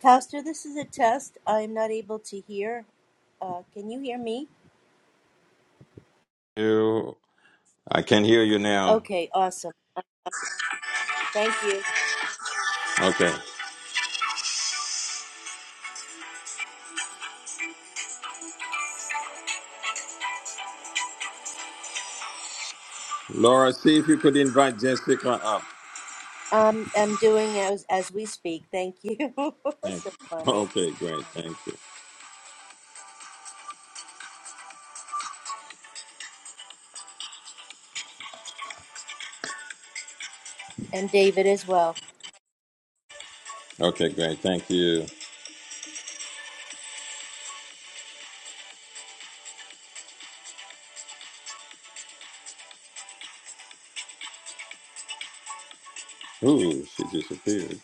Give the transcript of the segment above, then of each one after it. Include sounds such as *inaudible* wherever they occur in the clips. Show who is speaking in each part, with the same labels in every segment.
Speaker 1: Pastor, this is a test. I'm not able to hear. Uh, can you hear me?
Speaker 2: You, I can hear you now.
Speaker 1: Okay, awesome. Thank you.
Speaker 2: Okay. Laura, see if you could invite Jessica up.
Speaker 1: Um, I'm doing as as we speak. Thank you. *laughs*
Speaker 2: Thank
Speaker 1: That's so
Speaker 2: *laughs* you.
Speaker 1: funny.
Speaker 2: Okay, great. Thank you.
Speaker 1: And David as well.
Speaker 2: Okay, great. Thank you. Ooh, she disappeared.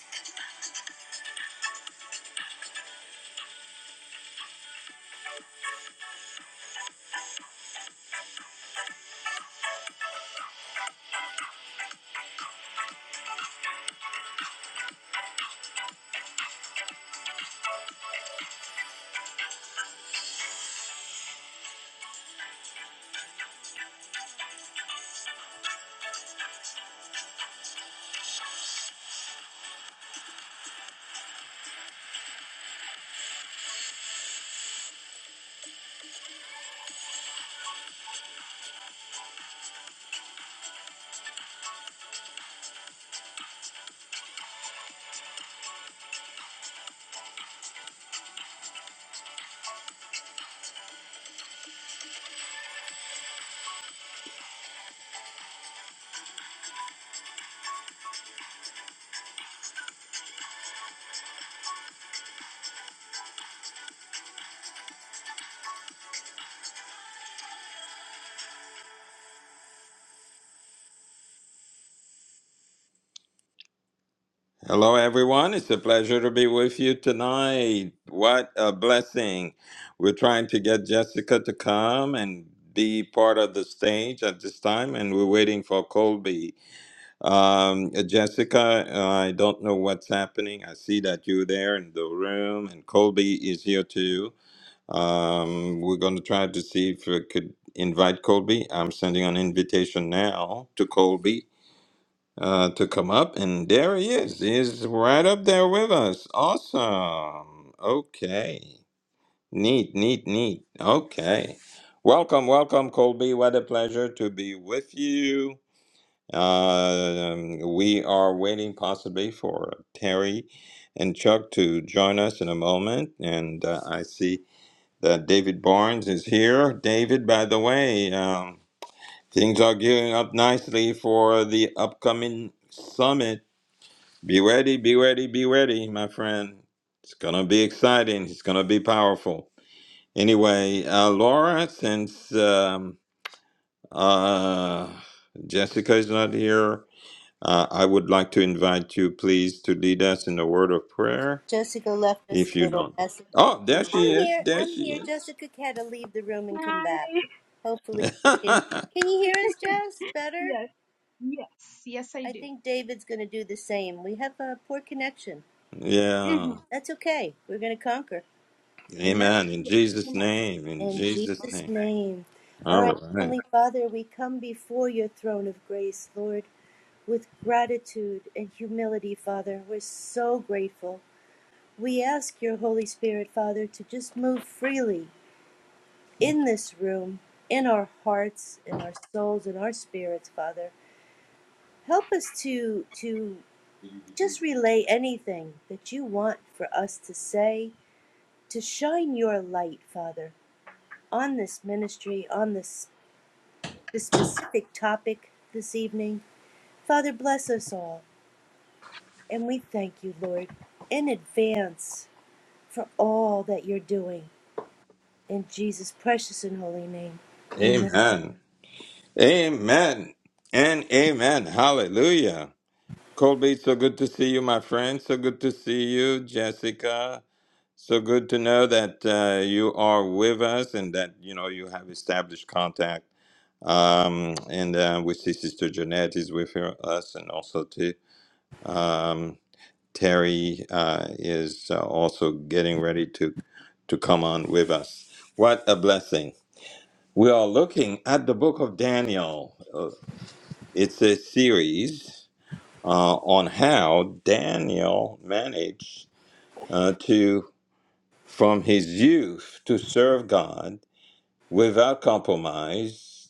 Speaker 2: Hello, everyone. It's a pleasure to be with you tonight. What a blessing. We're trying to get Jessica to come and be part of the stage at this time, and we're waiting for Colby. Um, uh, Jessica, uh, I don't know what's happening. I see that you're there in the room, and Colby is here too. Um, we're going to try to see if we could invite Colby. I'm sending an invitation now to Colby uh, to come up, and there he is. He's right up there with us. Awesome. Okay. Neat, neat, neat. Okay. Welcome, welcome, Colby. What a pleasure to be with you. Uh, Um, we are waiting possibly for Terry and Chuck to join us in a moment. And uh, I see that David Barnes is here. David, by the way, um, things are gearing up nicely for the upcoming summit. Be ready, be ready, be ready, my friend. It's going to be exciting, it's going to be powerful. Anyway, uh, Laura, since um, uh, Jessica is not here, uh, I would like to invite you, please, to lead us in a word of prayer.
Speaker 1: Jessica left us
Speaker 2: If
Speaker 1: a
Speaker 2: you
Speaker 1: little
Speaker 2: don't.
Speaker 1: message.
Speaker 2: Oh, there she
Speaker 1: I'm
Speaker 2: is.
Speaker 1: here.
Speaker 2: There
Speaker 1: I'm
Speaker 2: she
Speaker 1: here.
Speaker 2: is.
Speaker 1: Jessica had to leave the room and come
Speaker 3: Hi.
Speaker 1: back. Hopefully she
Speaker 2: *laughs*
Speaker 1: can. Can you hear us,
Speaker 3: *laughs*
Speaker 1: Jess? Better.
Speaker 3: yes, yes, yes, I
Speaker 1: I
Speaker 3: do.
Speaker 1: think David's going to do the same. We have a poor connection.
Speaker 3: hmm
Speaker 2: yeah.
Speaker 1: That's okay. We're going to conquer. Amen.
Speaker 2: Amen. In
Speaker 3: Yes,
Speaker 2: Jesus'
Speaker 3: amen.
Speaker 2: name. In
Speaker 1: In
Speaker 2: Jesus'
Speaker 1: Jesus'
Speaker 2: name.
Speaker 1: name. All
Speaker 2: All
Speaker 1: right,
Speaker 2: right.
Speaker 1: Heavenly Father, we come before your throne of grace, Lord, with gratitude and humility, Father. We're so grateful. We ask your Holy Spirit, Father, to just move freely in this room, in our hearts, in our souls, in our spirits, Father. Help us to to just relay anything that you want for us to say, to shine your light, Father, on this ministry, on this the specific topic this evening. Father, bless us all, and we thank you, Lord, in advance for all that you're doing. In Jesus' precious and holy name, amen.
Speaker 2: Amen. Amen. And amen. Hallelujah. Colby, so good to see you, my friend. So good to see you, Jessica. So good to know that uh, you are with us and that you know you have established contact. Um, and uh, we see Sister Jeanette is with her- us, and also too um, Terry uh, is uh, also getting ready to to come on with us. What a blessing! We are looking at the book of Daniel. Uh, It's a series uh, on how Daniel managed uh, to. from his youth to serve God without compromise,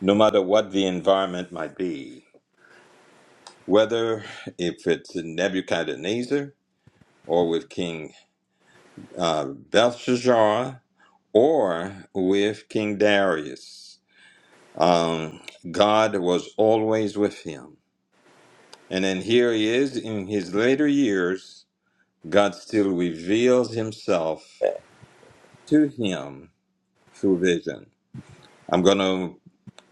Speaker 2: no matter what the environment might be, whether if it's Nebuchadnezzar or with King uh, Belshazzar or with King Darius. Um, God was always with him. And then here he is in his later years, God still reveals himself to him through vision. I'm going to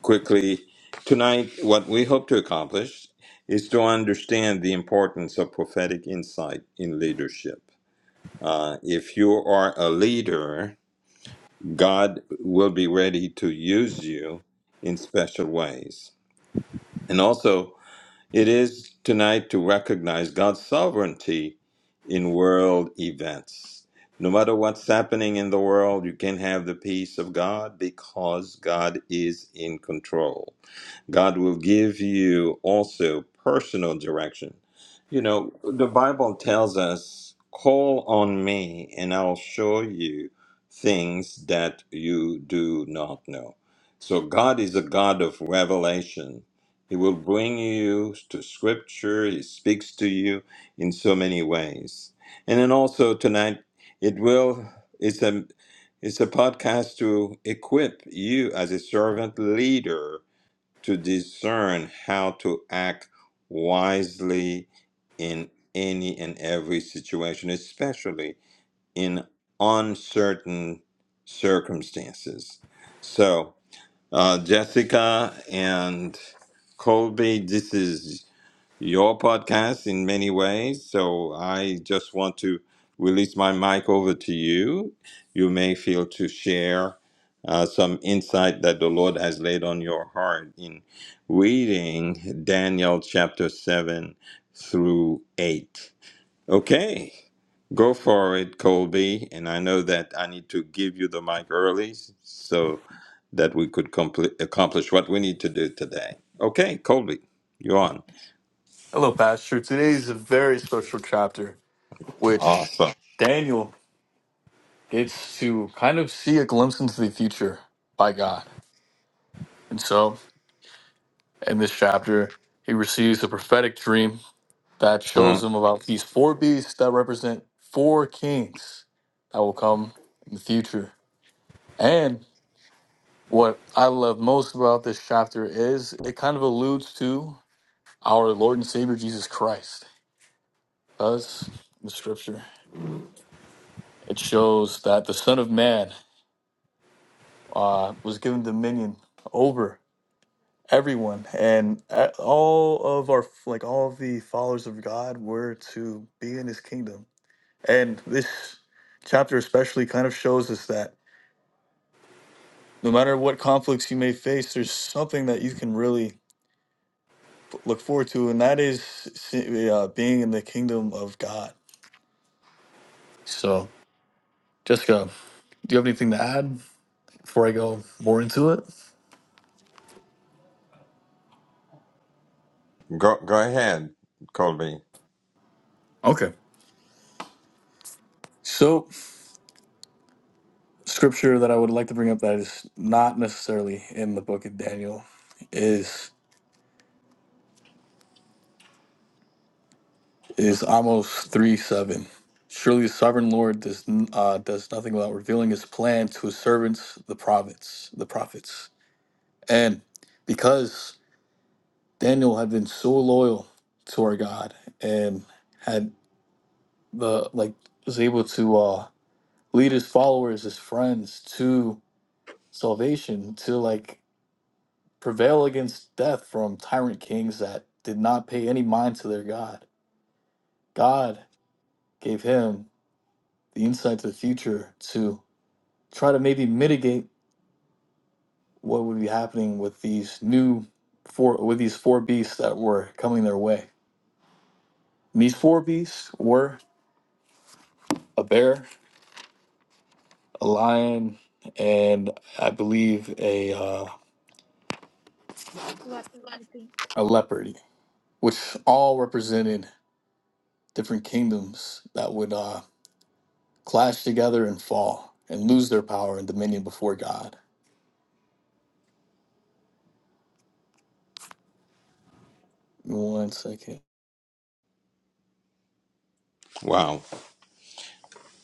Speaker 2: quickly. Tonight, what we hope to accomplish is to understand the importance of prophetic insight in leadership. Uh, if you are a leader, God will be ready to use you in special ways. And also, it is tonight to recognize God's sovereignty in world events. No matter what's happening in the world, you can have the peace of God because God is in control. God will give you also personal direction. You know, the Bible tells us, call on me and I'll show you things that you do not know. So God is a God of revelation. He will bring you to scripture. He speaks to you in so many ways. And then also tonight, it will, it's a, it's a podcast to equip you as a servant leader to discern how to act wisely in any and every situation, especially in uncertain circumstances. So, uh, Jessica and Colby, this is your podcast in many ways. So I just want to release my mic over to you. You may feel to share uh, some insight that the Lord has laid on your heart in reading Daniel chapter 7 through 8. Okay, go for it, Colby. And I know that I need to give you the mic early so that we could compl- accomplish what we need to do today. Okay, Colby, you're on.
Speaker 4: Hello, Pastor. Today is a very special chapter, which
Speaker 2: Awesome.
Speaker 4: Daniel gets to kind of see a glimpse into the future by God. And so, in this chapter, he receives a prophetic dream that shows
Speaker 2: Mm.
Speaker 4: him about these four beasts that represent four kings that will come in the future. And what I love most about this chapter is it kind of alludes to our Lord and Savior Jesus Christ. Because in the scripture, it shows that the Son of Man uh, was given dominion over everyone, and uh, all of our like all of the followers of God were to be in His kingdom. And this chapter especially kind of shows us that no matter what conflicts you may face, there's something that you can really f- look forward to, and that is se- uh, being in the kingdom of God. So, Jessica, do you have anything to add before I go more into it?
Speaker 2: Go go ahead, Colby.
Speaker 4: Okay. So. scripture that I would like to bring up that is not necessarily in the book of Daniel is is Amos three seven. Surely the sovereign Lord does n- uh, does nothing without revealing His plan to His servants, the prophets, the prophets. And because Daniel had been so loyal to our God and had the like was able to uh, lead his followers, his friends to salvation, to like prevail against death from tyrant kings that did not pay any mind to their God. God gave him the insight to the future to try to maybe mitigate what would be happening with these new four with these four beasts that were coming their way. And these four beasts were a bear, a lion, and I believe a uh,
Speaker 3: Leopard, I think.
Speaker 4: a leopard, which all represented different kingdoms that would uh, clash together and fall and lose their power and dominion before God. One second.
Speaker 2: Wow.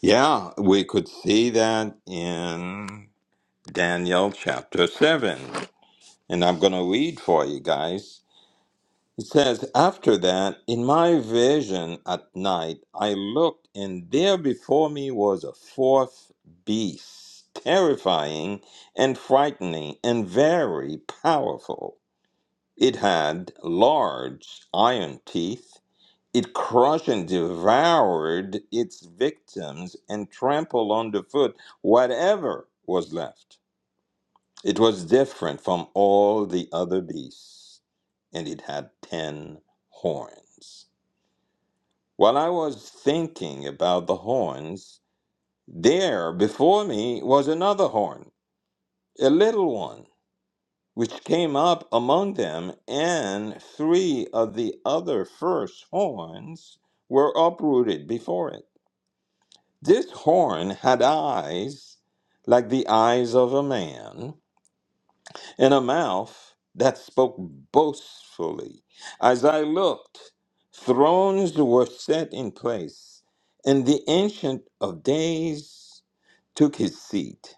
Speaker 2: Yeah, we could see that in Daniel chapter seven. And I'm gonna read for you guys. It says, After that, in my vision at night I looked, and there before me was a fourth beast, terrifying and frightening and very powerful. It had large iron teeth It crushed and devoured its victims and trampled underfoot whatever was left. It was different from all the other beasts, and it had ten horns. While I was thinking about the horns, there before me was another horn, a little one, which came up among them, and three of the other first horns were uprooted before it. This horn had eyes like the eyes of a man, and a mouth that spoke boastfully. As I looked, thrones were set in place, and the Ancient of Days took his seat.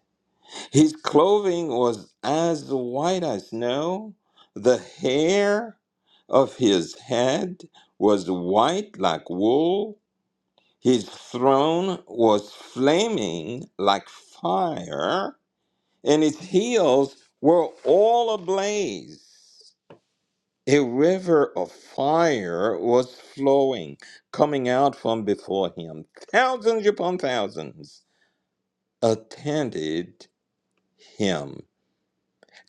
Speaker 2: His clothing was as white as snow, the hair of his head was white like wool his throne was flaming like fire, and his heels were all ablaze. A river of fire was flowing, coming out from before him. Thousands upon thousands attended him.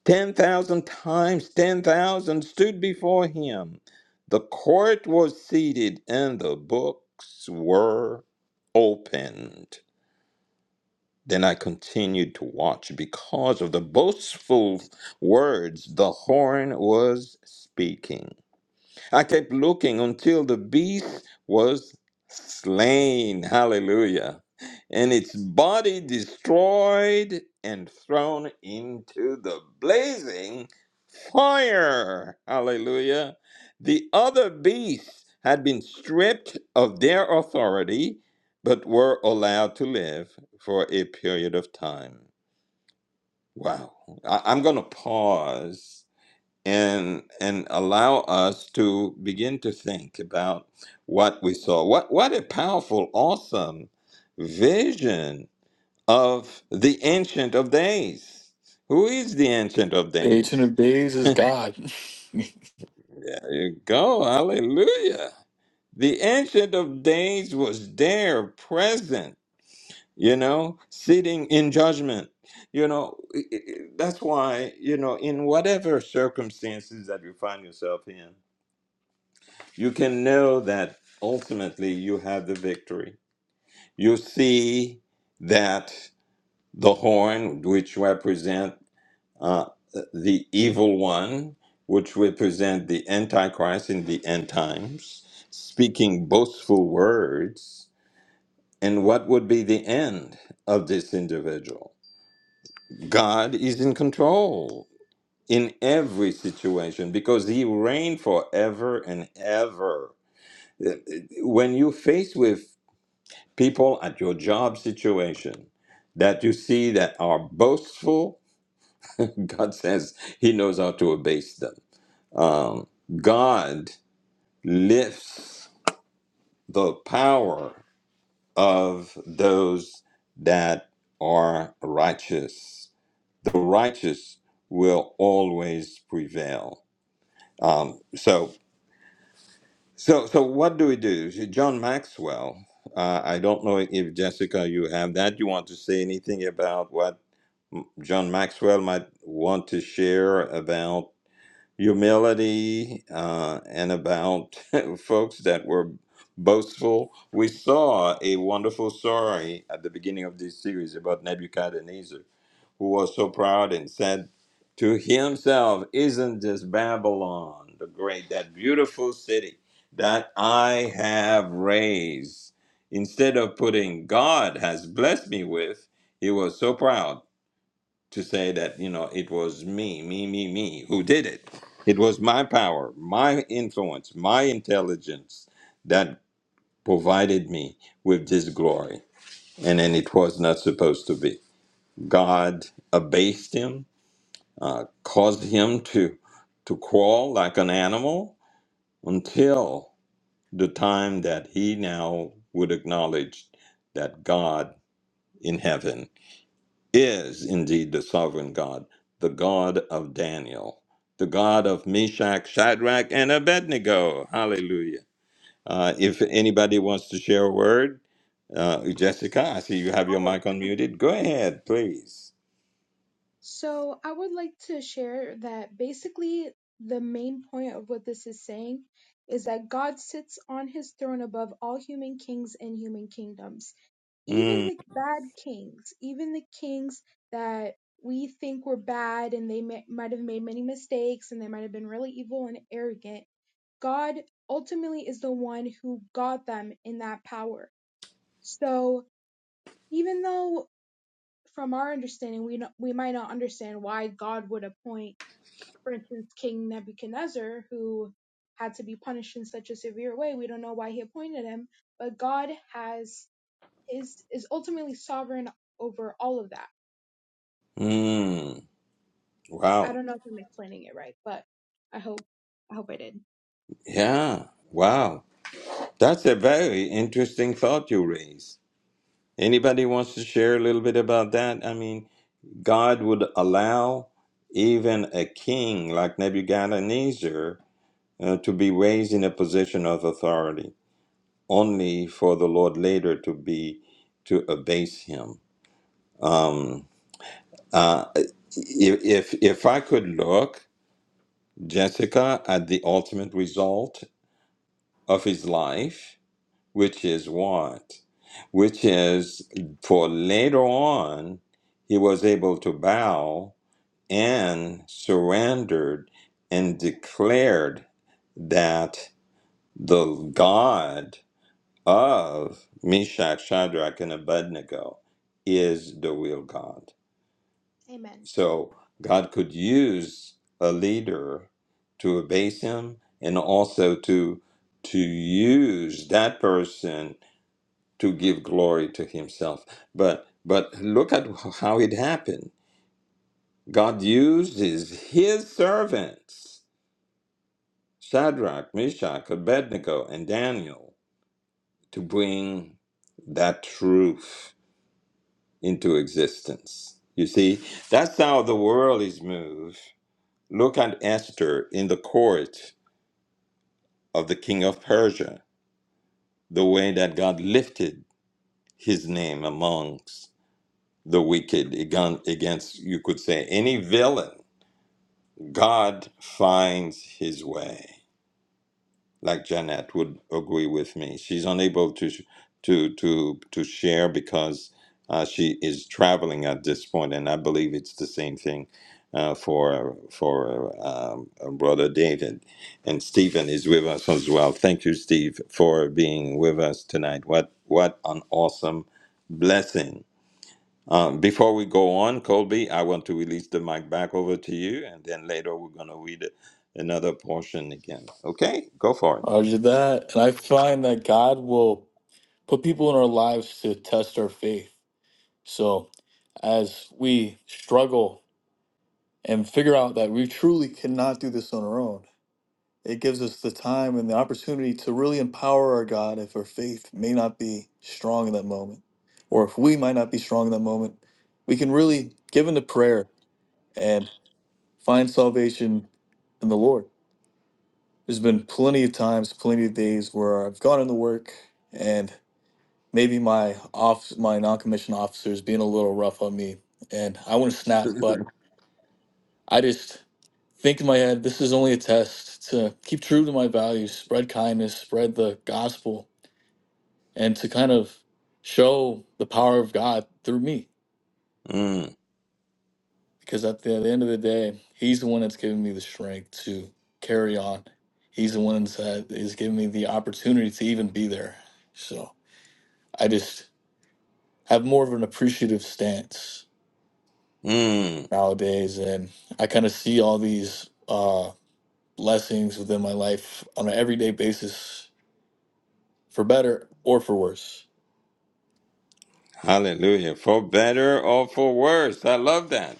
Speaker 2: 10,000 times 10,000 stood before him. The court was seated, and the books were opened. Then I continued to watch because of the boastful words the horn was speaking. I kept looking until the beast was slain. Hallelujah. And its body destroyed and thrown into the blazing fire. Hallelujah. The other beasts had been stripped of their authority, but were allowed to live for a period of time. Wow. I- I'm going to pause and and allow us to begin to think about what we saw. What what a powerful, awesome vision of the Ancient of Days. Who is the Ancient of
Speaker 4: The Ancient
Speaker 2: Days?
Speaker 4: of Days is God.
Speaker 2: There you go, Hallelujah. The Ancient of Days was there, present. You know, sitting in judgment. You know, i- i- i- that's why, you know, in whatever circumstances that you find yourself in, you can know that ultimately you have the victory. You see that the horn, which represent uh, the evil one, which represent the Antichrist in the end times, speaking boastful words, and what would be the end of this individual? God is in control in every situation because He reigned forever and ever Uh, uh, when you face with people at your job situation that you see that are boastful, *laughs* God says He knows how to abase them. Um, God lifts the power of those that are righteous. The righteous will always prevail. Um, so, so, so, what do we do? John Maxwell. Uh, I don't know if Jessica, you have that. You want to say anything about what? John Maxwell might want to share about humility uh, and about *laughs* folks that were boastful. We saw a wonderful story at the beginning of this series about Nebuchadnezzar, who was so proud and said to himself, Isn't this Babylon the great, that beautiful city that I have raised? Instead of putting God has blessed me with, he was so proud to say that you know it was me me me me who did it it was my power my influence my intelligence that provided me with this glory and then it was not supposed to be god abased him uh, caused him to to crawl like an animal until the time that he now would acknowledge that god in heaven is indeed the sovereign God, the God of Daniel, the God of Meshach, Shadrach, and Abednego. Hallelujah. Uh, if
Speaker 3: Amen.
Speaker 2: anybody wants to share a word, uh, Jessica, I see you have
Speaker 3: I
Speaker 2: your
Speaker 3: would.
Speaker 2: mic unmuted. Go ahead, please.
Speaker 3: So I would like to share that basically the main point of what this is saying is that God sits on his throne above all human kings and human kingdoms, even
Speaker 2: Mm,
Speaker 3: the bad kings, even the kings that we think were bad and they may, might have made many mistakes and they might have been really evil and arrogant God ultimately is the one who got them in that power. So even though from our understanding we no- we might not understand why God would appoint, for instance, King Nebuchadnezzar, who had to be punished in such a severe way, we don't know why he appointed him, but God has is is ultimately sovereign over all of that.
Speaker 2: mm,
Speaker 3: I
Speaker 2: wow.
Speaker 3: don't know if I'm explaining it right, but I hope I hope I did.
Speaker 2: Yeah, wow. That's a very interesting thought you raised. Anybody wants to share a little bit about that? I mean, God would allow even a king like Nebuchadnezzar uh, to be raised in a position of authority, only for the Lord later to be to abase him. Um, uh, if if if I could look, Jessica, at the ultimate result of his life, which is what, which is for later on, he was able to bow and surrendered and declared that the God of Meshach, Shadrach, and Abednego is the real God.
Speaker 3: Amen.
Speaker 2: So God could use a leader to abase him and also to to use that person to give glory to himself. But but look at how it happened. God uses his servants Shadrach, Meshach, Abednego, and Daniel to bring that truth into existence. You see, that's how the world is moved. Look at Esther in the court of the king of Persia, the way that God lifted his name amongst the wicked agon- against, you could say, any villain. God finds his way. like Janet would agree with me. She's unable to to to to share because uh, she is traveling at this point, and I believe it's the same thing uh, for for um, brother David, and Stephen is with us as well. Thank you, Steve, for being with us tonight. What what an awesome blessing. Um, before we go on, Colby, I want to release the mic back over to you, and then later we're gonna read another portion again. Okay, go
Speaker 4: *laughs*
Speaker 2: for
Speaker 4: Roger that. And I find that God will put people in our lives to test our faith. So as we struggle and figure out that we truly cannot do this on our own, it gives us the time and the opportunity to really empower our God if our faith may not be strong in that moment, or if we might not be strong in that moment. We can really give into prayer and find salvation in the Lord. There's been plenty of times, plenty of days where I've gone into work and maybe my off my non-commissioned officer is being a little rough on me and I wouldn't snap,
Speaker 2: it. *laughs*
Speaker 4: but I just think in my head, this is only a test to keep true to my values, spread kindness, spread the gospel, and to kind of show the power of God through me.
Speaker 2: Mm,
Speaker 4: because at the, at the end of the day, he's the one that's giving me the strength to carry on. He's the one that is giving me the opportunity to even be there. So I just have more of an appreciative stance
Speaker 2: mm,
Speaker 4: nowadays, and I kind of see all these uh, blessings within my life on an everyday basis, for better or for worse.
Speaker 2: hallelujah. For better or for worse. I love that.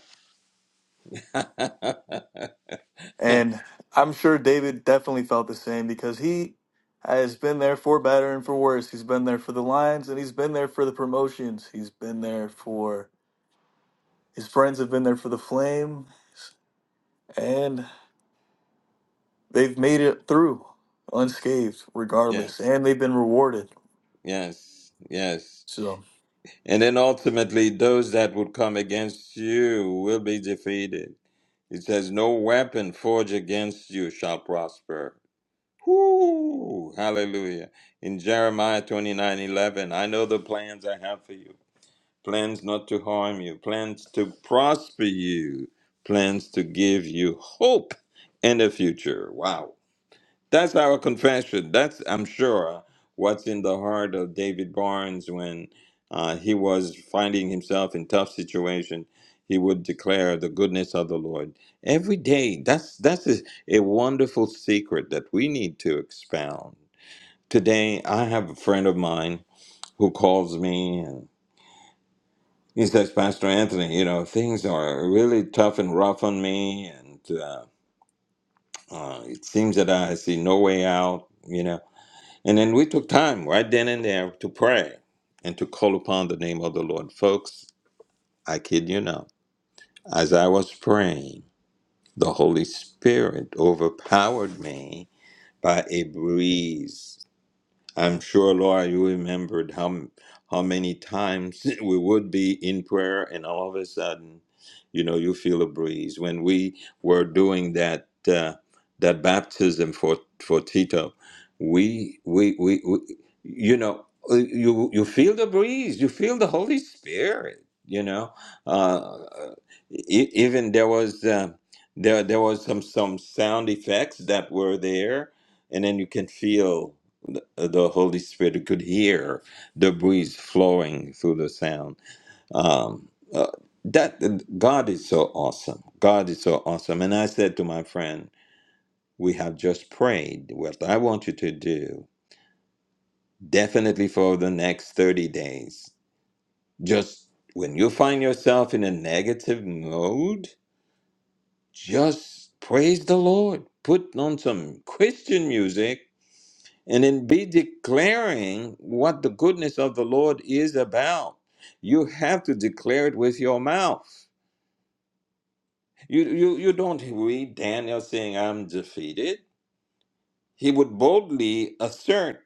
Speaker 4: And I'm sure David definitely felt the same because he has been there for better and for worse. He's been there for the Lions and he's been there for the promotions. He's been there for his friends have been there for the Flame and they've made it through unscathed regardless
Speaker 2: Yes,
Speaker 4: and they've been rewarded.
Speaker 2: yes, yes.
Speaker 4: So
Speaker 2: And then ultimately, those that would come against you will be defeated. It says, No weapon forged against you shall prosper. Whoo, hallelujah. In Jeremiah twenty nine eleven, I know the plans I have for you plans not to harm you, plans to prosper you, plans to give you hope in the future. Wow That's our confession. That's, I'm sure, what's in the heart of David Barnes when uh, he was finding himself in tough situation. He would declare the goodness of the Lord every day. That's that's a, a wonderful secret that we need to expound. Today, I have a friend of mine who calls me and he says, "Pastor Anthony, you know things are really tough and rough on me, and uh, uh, it seems that I see no way out. You know, And then we took time right then and there to pray and to call upon the name of the Lord. Folks, I kid you not. As I was praying, the Holy Spirit overpowered me by a breeze. I'm sure, Laura, you remembered how m- how many times *laughs* we would be in prayer, and all of a sudden, you know, you feel a breeze. When we were doing that uh, that baptism for for Tito, we we we, we you know. uh, You you feel the breeze, you feel the Holy Spirit. You know, uh, e- even there was uh, there there was some some sound effects that were there, and then you can feel the Holy Spirit could hear the breeze flowing through the sound. Um, uh, that God is so awesome. God is so awesome. And I said to my friend, "We have just prayed. What I want you to do, definitely for the next thirty days, just when you find yourself in a negative mode, just praise the Lord. Put on some Christian music." and then be declaring what the goodness of the Lord is about. You have to declare it with your mouth. You, you, you don't read Daniel saying, I'm defeated. He would boldly assert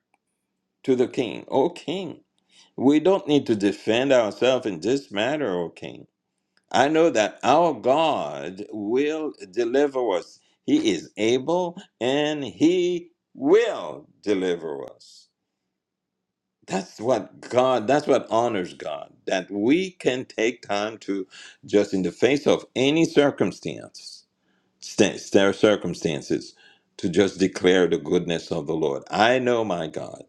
Speaker 2: to the king, O king, we don't need to defend ourselves in this matter, O king. I know that our God will deliver us. He is able and he will deliver us. that's what God, that's what honors God, that we can take time to just in the face of any circumstance st- st- circumstances to just declare the goodness of the Lord. I know my God.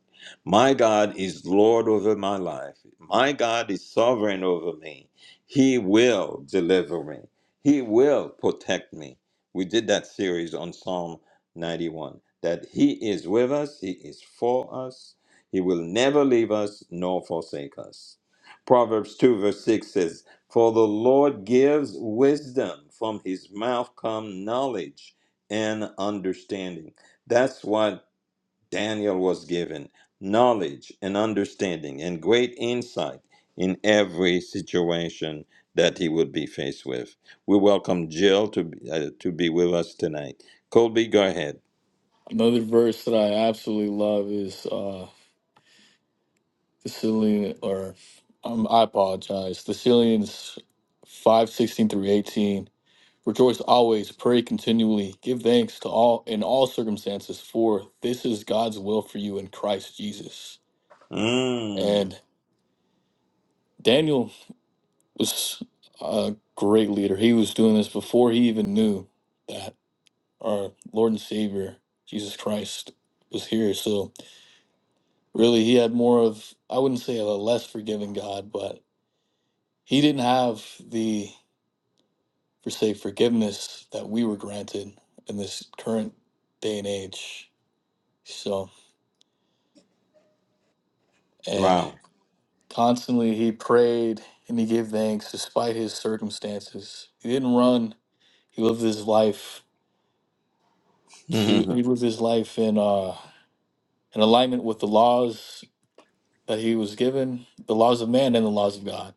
Speaker 2: My God is Lord over my life. My God is sovereign over me. He will deliver me. He will protect me. We did that series on Psalm 91 that He is with us, He is for us, He will never leave us nor forsake us. Proverbs 2, verse 6 says, for the Lord gives wisdom, from his mouth come knowledge and understanding. That's what Daniel was given knowledge and understanding and great insight in every situation that he would be faced with. We welcome Jill to, be- uh, to be with us tonight. Colby, go ahead.
Speaker 4: another verse that I absolutely love is uh the Cillian or um, I apologize. The Cillians five sixteen through 18 Rejoice always, pray continually, give thanks to all in all circumstances, for this is God's will for you in Christ Jesus.
Speaker 2: Mm,
Speaker 4: And Daniel was a great leader. He was doing this before he even knew that our Lord and Savior, Jesus Christ, was here. So really he had more of I wouldn't say a less forgiving God, but he didn't have the for say forgiveness that we were granted in this current day and age. So, and.
Speaker 2: wow.
Speaker 4: Constantly he prayed and he gave thanks despite his circumstances. He didn't run. He lived his life to
Speaker 2: *laughs*
Speaker 4: he lived his life in uh in alignment with the laws that he was given, the laws of man and the laws of God.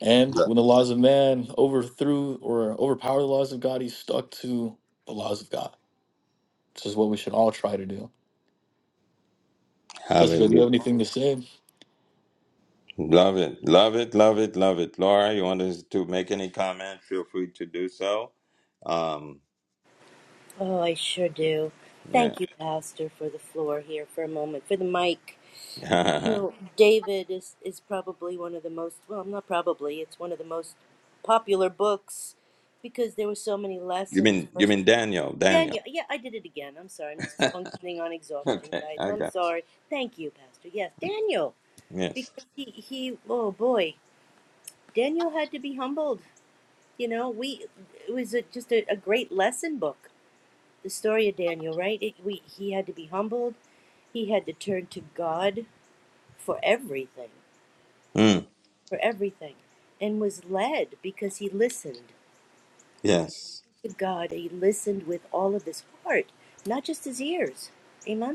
Speaker 4: And when the laws of man overthrew or overpowered the laws of God, he stuck to the laws of God. This is what we should all try to do. Jessica, do you
Speaker 2: Hallelujah.
Speaker 4: have anything to say?
Speaker 2: Love it. Love it. Love it. Love it. Laura, you want us to make any comment? Feel free to do so. Um,
Speaker 1: Oh, I sure do.
Speaker 2: yeah.
Speaker 1: Thank you, Pastor, for the floor here for a moment, for the mic. You
Speaker 2: *laughs*
Speaker 1: know, David is, is probably one of the most, well, not probably, it's one of the most popular books because there were so many
Speaker 2: you
Speaker 1: lessons
Speaker 2: mean
Speaker 1: for
Speaker 2: you
Speaker 1: us
Speaker 2: mean Daniel, Daniel.
Speaker 1: Daniel, yeah, I did it again. I'm sorry. I'm
Speaker 2: *laughs*
Speaker 1: just
Speaker 2: okay,
Speaker 1: functioning on exhaustion, guys.
Speaker 2: I
Speaker 1: I'm
Speaker 2: got it.
Speaker 1: sorry. Thank you, Pastor. Yes, Daniel,
Speaker 2: Yes.
Speaker 1: because he he. Oh boy, Daniel had to be humbled. You know, we it was a, just a, a great lesson book. The story of Daniel, right? It, we he had to be humbled. He had to turn to God for everything,
Speaker 2: Mm,
Speaker 1: for everything, and was led because he listened. He
Speaker 2: yes.
Speaker 1: listened to God. He listened with all of his heart, not just his ears. Amen.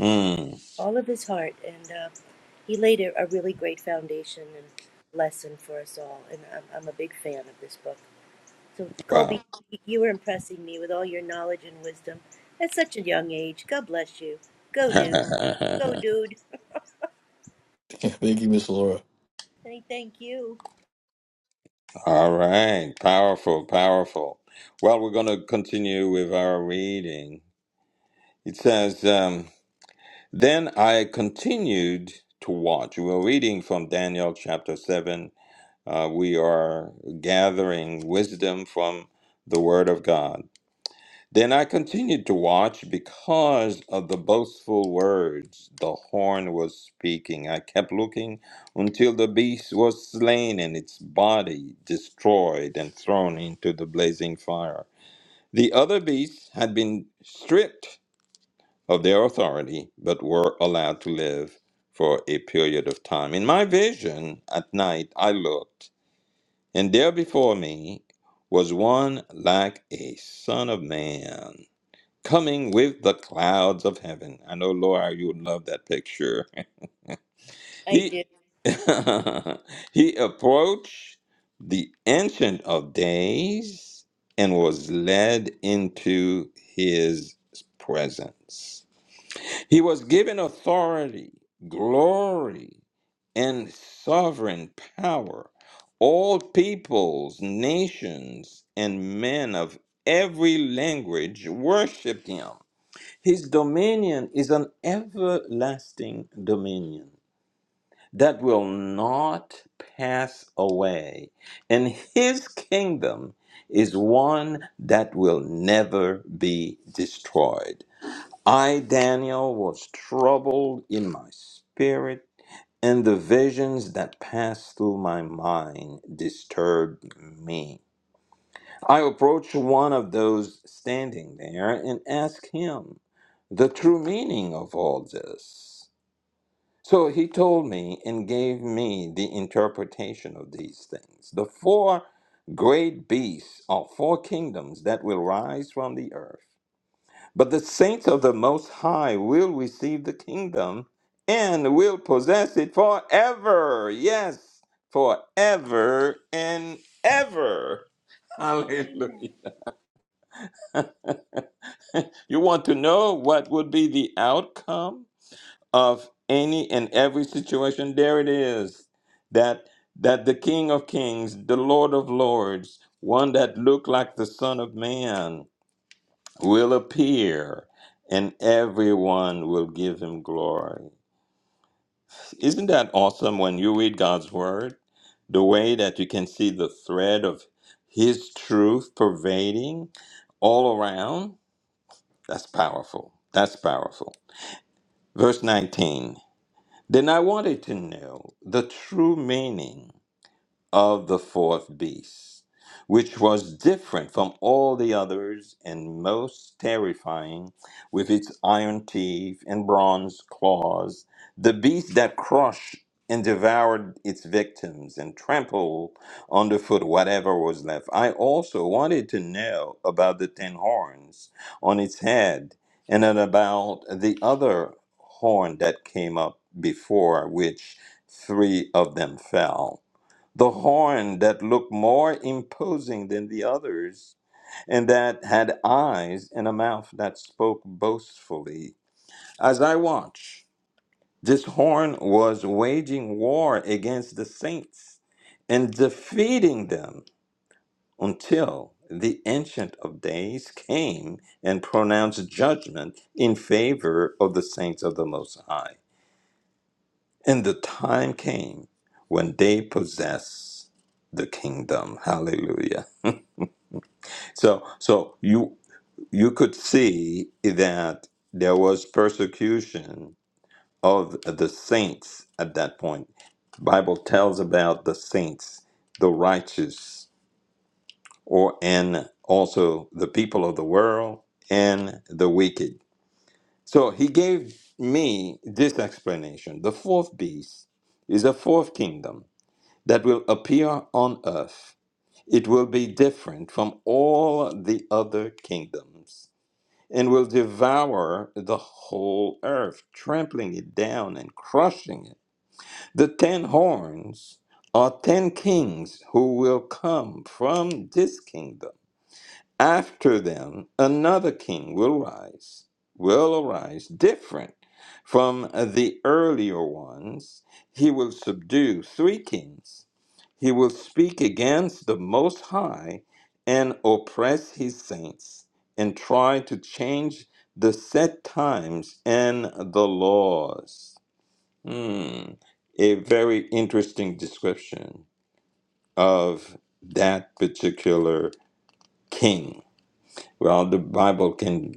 Speaker 2: Mm,
Speaker 1: all of his heart, and uh, he laid a, a really great foundation and lesson for us all. And I'm, I'm a big fan of this book. So,
Speaker 2: wow.
Speaker 1: Colby, you were impressing me with all your knowledge and wisdom at such a young age. God bless you. Go, dude. Go,
Speaker 2: *laughs*
Speaker 1: dude. *laughs*
Speaker 4: *laughs* Thank you, Miss Laura.
Speaker 1: Say thank you.
Speaker 2: All right. Powerful, powerful. Well, we're going to continue with our reading. It says, um, Then I continued to watch. We're reading from Daniel chapter 7 Uh, we are gathering wisdom from the Word of God. Then I continued to watch because of the boastful words the horn was speaking. I kept looking until the beast was slain and its body destroyed and thrown into the blazing fire. The other beasts had been stripped of their authority but were allowed to live for a period of time. In my vision at night, I looked. And there before me was one like a son of man coming with the clouds of heaven. I know, Laura, you would love that picture. *laughs*
Speaker 1: I
Speaker 2: he
Speaker 1: do.
Speaker 2: *laughs* he approached the ancient of days and was led into his presence. He was given authority, glory, and sovereign power. All peoples, nations, and men of every language worshiped him. His dominion is an everlasting dominion that will not pass away, and his kingdom is one that will never be destroyed. I, Daniel, was troubled in my spirit, and the visions that passed through my mind disturbed me. I approached one of those standing there and asked him the true meaning of all this. So he told me and gave me the interpretation of these things. The four great beasts are four kingdoms that will rise from the earth but the saints of the Most High will receive the kingdom and will possess it forever. Yes, forever and ever. *laughs* Hallelujah.
Speaker 3: Amen.
Speaker 2: You want to know what would be the outcome of any and every situation? There it is. That that the King of Kings, the Lord of Lords, one that looked like the Son of Man, will appear, and everyone will give him glory. Isn't that awesome when you read God's word? The way that you can see the thread of His truth pervading all around? That's powerful. That's powerful. Verse 19 Then I wanted to know the true meaning of the fourth beast, which was different from all the others and most terrifying, with its iron teeth and bronze claws, the beast that crushed and devoured its victims and trampled underfoot whatever was left. I also wanted to know about the ten horns on its head and then about the other horn that came up before which three of them fell the horn that looked more imposing than the others, and that had eyes and a mouth that spoke boastfully. As I watch, this horn was waging war against the saints and defeating them until the Ancient of Days came and pronounced judgment in favor of the saints of the Most High. And the time came when they possess the kingdom. Hallelujah. So, so you you could see that there was persecution of the saints at that point. Bible tells about the saints, the righteous, or and also the people of the world and the wicked. So he gave me this explanation. The fourth beast is a fourth kingdom that will appear on earth. It will be different from all the other kingdoms and will devour the whole earth, trampling it down and crushing it. The ten horns are ten kings who will come from this kingdom after them, another king will rise, will arise different from the earlier ones. He will subdue three kings. He will speak against the Most High and oppress his saints and try to change the set times and the laws. Hmm. A very interesting description of that particular king. Well, the Bible can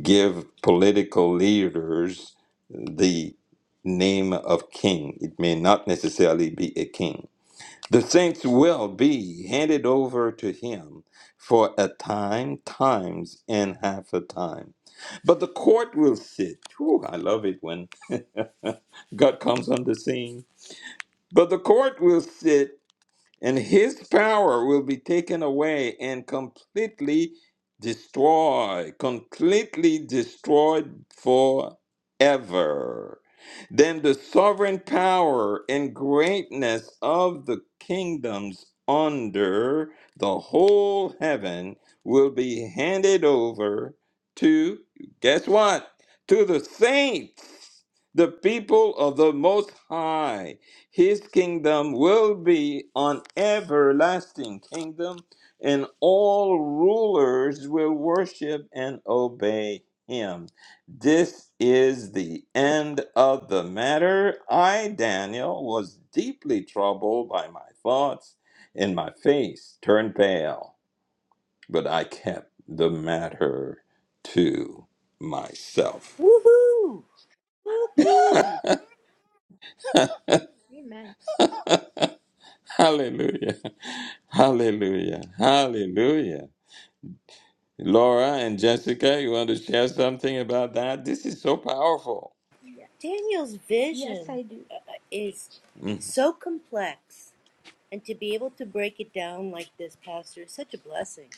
Speaker 2: give political leaders the name of king. It may not necessarily be a king. The saints will be handed over to him for a time, times, and half a time. But the court will sit. Whew, I love it when God comes on the scene. But the court will sit and his power will be taken away and completely destroyed, completely destroyed forever. Then the sovereign power and greatness of the kingdoms under the whole heaven will be handed over to, guess what? To the saints, the people of the Most High his kingdom will be an everlasting kingdom, and all rulers will worship and obey him. This is the end of the matter. I, Daniel, was deeply troubled by my thoughts, and my face turned pale, but I kept the matter to myself.
Speaker 1: Woohoo! Woohoo!
Speaker 3: Amen.
Speaker 2: Hallelujah. *laughs* Hallelujah. Hallelujah. Laura and Jessica, you want to share something about that? This is so powerful.
Speaker 3: Yeah.
Speaker 1: Daniel's
Speaker 3: Yes,
Speaker 1: vision
Speaker 3: I do.
Speaker 1: uh, uh, is
Speaker 2: Mm.
Speaker 1: so complex, and to be able to break it down like this, Pastor, is such a blessing.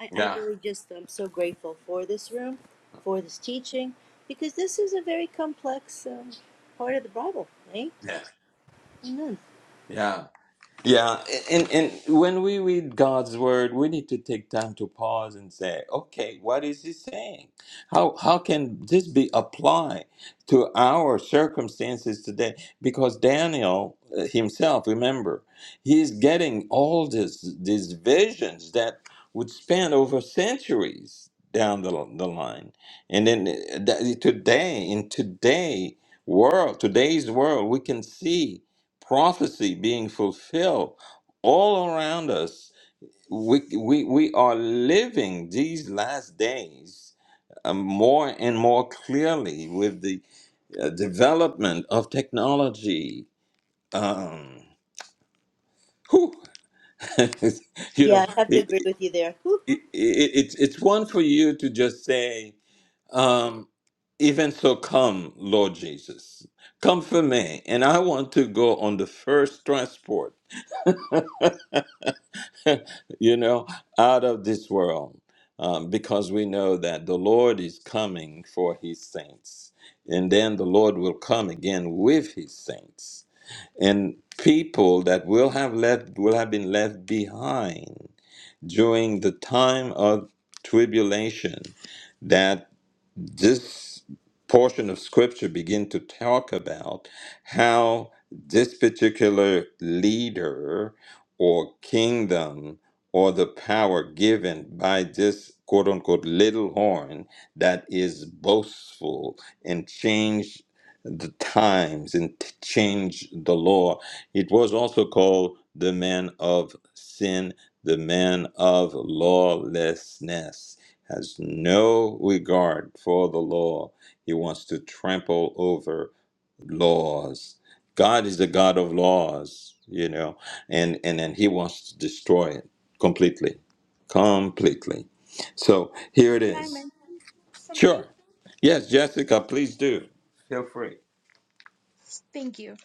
Speaker 1: I, I
Speaker 2: Yeah,
Speaker 1: really just am so grateful for this room, for this teaching, because this is a very complex um, part of the Bible, right?
Speaker 2: yeah,
Speaker 1: Amen.
Speaker 2: yeah. Yeah, and, and when we read God's word, we need to take time to pause and say, okay, what is he saying? How, how can this be applied to our circumstances today? Because Daniel uh, himself, remember, he's getting all this, these visions that would span over centuries down the, the line. And then uh, that- today, in today world, today's world, we can see prophecy being fulfilled all around us. We, we, we are living these last days uh, more and more clearly with the uh, development of technology. Um, whew. *laughs* you know,
Speaker 1: Yeah, I have to
Speaker 2: it,
Speaker 1: agree with you there. Whew,
Speaker 2: it, it, it's it's one for you to just say, um, even so, come, Lord Jesus, come for me. And I want to go on the first transport you know, out of this world, um, because we know that the Lord is coming for his saints. And then the Lord will come again with his saints. And people that will have left will have been left behind during the time of tribulation that this portion of scripture begin to talk about how this particular leader or kingdom or the power given by this quote unquote little horn that is boastful and change the times and t- change the law. It was also called the man of sin, the man of lawlessness has no regard for the law. He wants to trample over laws. God is the God of laws, you know, and and then he wants to destroy it completely, completely. So here it
Speaker 3: Can I
Speaker 2: is.
Speaker 3: mention something?
Speaker 2: Sure. Yes, Jessica, please do. Pray.
Speaker 3: Thank you.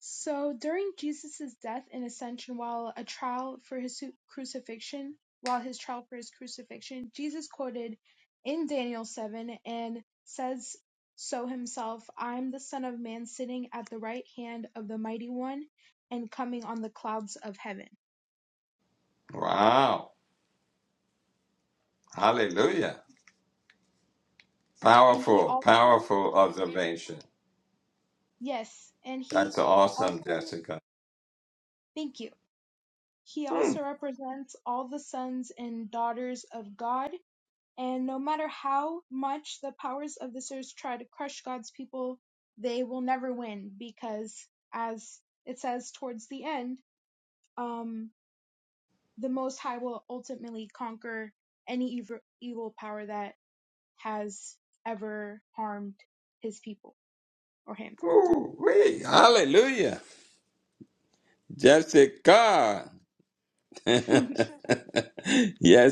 Speaker 3: So during Jesus' death and ascension, while a trial for his su- crucifixion, while his trial for his crucifixion, Jesus quoted in Daniel 7 and says so himself, I'm the Son of Man sitting at the right hand of the Mighty One and coming on the clouds of heaven.
Speaker 2: Wow. Hallelujah.
Speaker 3: And he
Speaker 2: Powerful,
Speaker 3: also,
Speaker 2: powerful observation.
Speaker 3: yes, and he
Speaker 2: That's
Speaker 3: also,
Speaker 2: awesome, Jessica.
Speaker 3: thank you. He
Speaker 2: Hmm.
Speaker 3: also represents all the sons and daughters of God And no matter how much the powers of this earth try to crush God's people, they will never win because, as it says towards the end, um, the Most High will ultimately conquer any evil, evil power that has ever harmed his people or him.
Speaker 2: Ooh, wee. Hallelujah. Jessica. *laughs* yes,
Speaker 3: *laughs*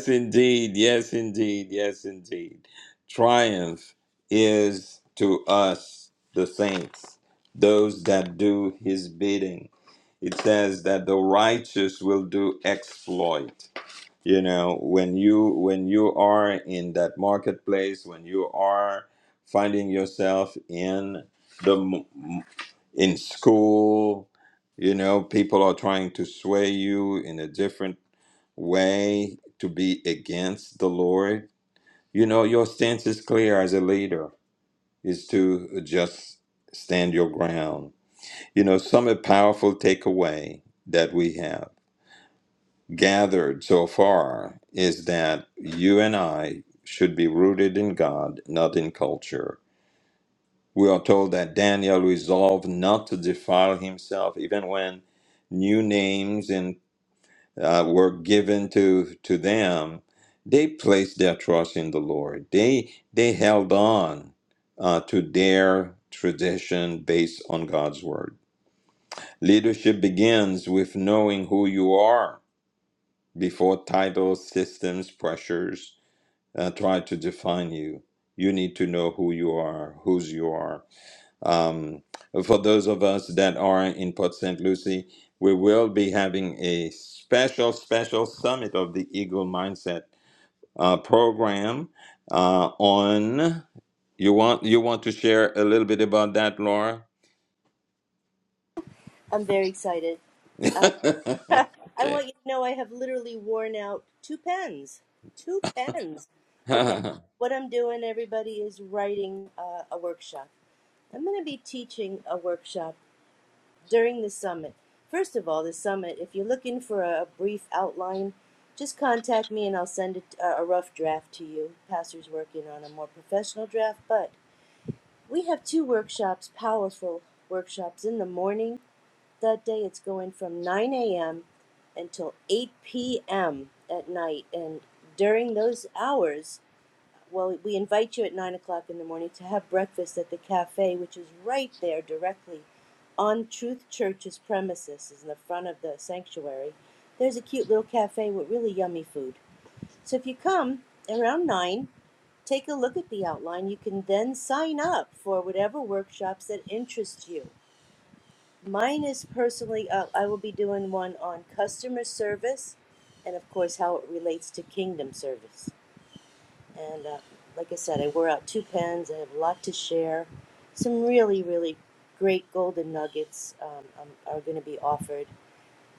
Speaker 2: indeed. Yes, indeed. Yes, indeed. Triumph is to us, the saints, those that do his bidding. It says that the righteous will do exploit. You know, when you when you are in that marketplace, when you are finding yourself in the m- in school. You know, people are trying to sway you in a different way to be against the Lord. You know, your stance is clear as a leader is to just stand your ground. You know, some a powerful takeaway that we have gathered so far is that you and I should be rooted in God, not in culture We are told that Daniel resolved not to defile himself, even when new names and uh, were given to to them. They placed their trust in the Lord. They they held on uh, to their tradition based on God's word. Leadership begins with knowing who you are before titles, systems, pressures uh, try to define you. You need to know who you are, whose you are um, for those of us that are in Port St. Lucie, we will be having a special, special Summit of the Eagle Mindset uh, program uh, on. You want you want to share a little bit about that, Laura?
Speaker 1: I'm very excited.
Speaker 2: *laughs*
Speaker 1: Uh, *laughs* I
Speaker 2: okay.
Speaker 1: want you to know I have literally worn out two pens. Two pens. Okay,
Speaker 2: *laughs*
Speaker 1: what I'm doing, everybody, is writing uh, a workshop. I'm going to be teaching a workshop during the summit. First of all, the summit, if you're looking for a brief outline, just contact me and I'll send it, uh, a rough draft to you. Pastor's working on a more professional draft, but we have two workshops, powerful workshops in the morning that day. It's going from 9 a.m. until 8 p.m. at night. And during those hours, well, we invite you at nine o'clock in the morning to have breakfast at the cafe, which is right there directly on Truth Church's premises, is in the front of the sanctuary. There's a cute little cafe with really yummy food. So if you come around nine, take a look at the outline. You can then sign up for whatever workshops that interest you. Mine is personally up. I will be doing one on customer service and, of course, how it relates to kingdom service. And uh, like I said, I wore out two pens. I have a lot to share. Some really, really great golden nuggets um, um, are going to be offered.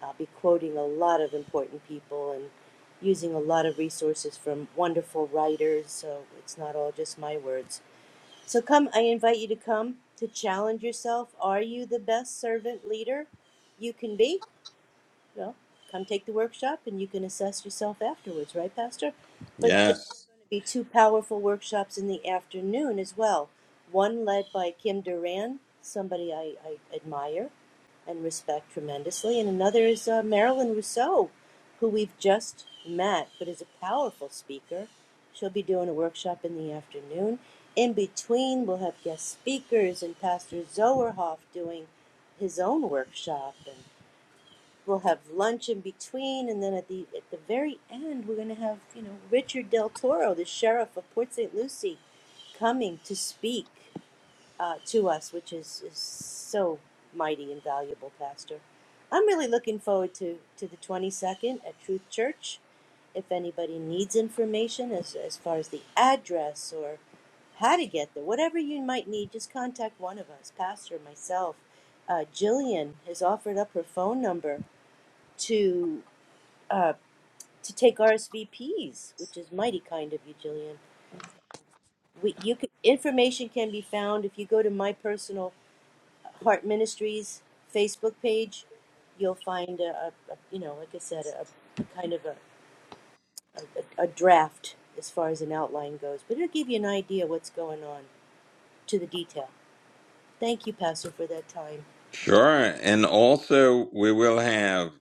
Speaker 1: I'll be quoting a lot of important people and using a lot of resources from wonderful writers. So it's not all just my words. So come, I invite you to come to challenge yourself. Are you the best servant leader you can be? Well, come take the workshop and you can assess yourself afterwards, right, Pastor? But uh, there are
Speaker 2: yes.
Speaker 1: going to be two powerful workshops in the afternoon as well. One led by Kim Duran, somebody I, I admire and respect tremendously, and another is uh, Marilyn Rousseau, who we've just met but is a powerful speaker. She'll be doing a workshop in the afternoon. In between, we'll have guest speakers and Pastor Zoerhoff doing his own workshop. and We'll have lunch in between, and then at the at the very end, we're going to have you know Richard Del Toro, the sheriff of Port St. Lucie, coming to speak uh, to us, which is, is so mighty and valuable, Pastor. I'm really looking forward to to the 22nd at Truth Church. If anybody needs information as as far as the address or how to get there, whatever you might need, just contact one of us, Pastor, myself. Uh, Jillian has offered up her phone number to uh, to take RSVPs, which is mighty kind of you, Jillian. We, you could, information can be found if you go to my personal Heart Ministries Facebook page. You'll find a, a, a you know, like I said, a, a kind of a, a, a draft as far as an outline goes, but it'll give you an idea what's going on to the detail. Thank you, Pastor, for that time.
Speaker 2: Sure. And also, we will have.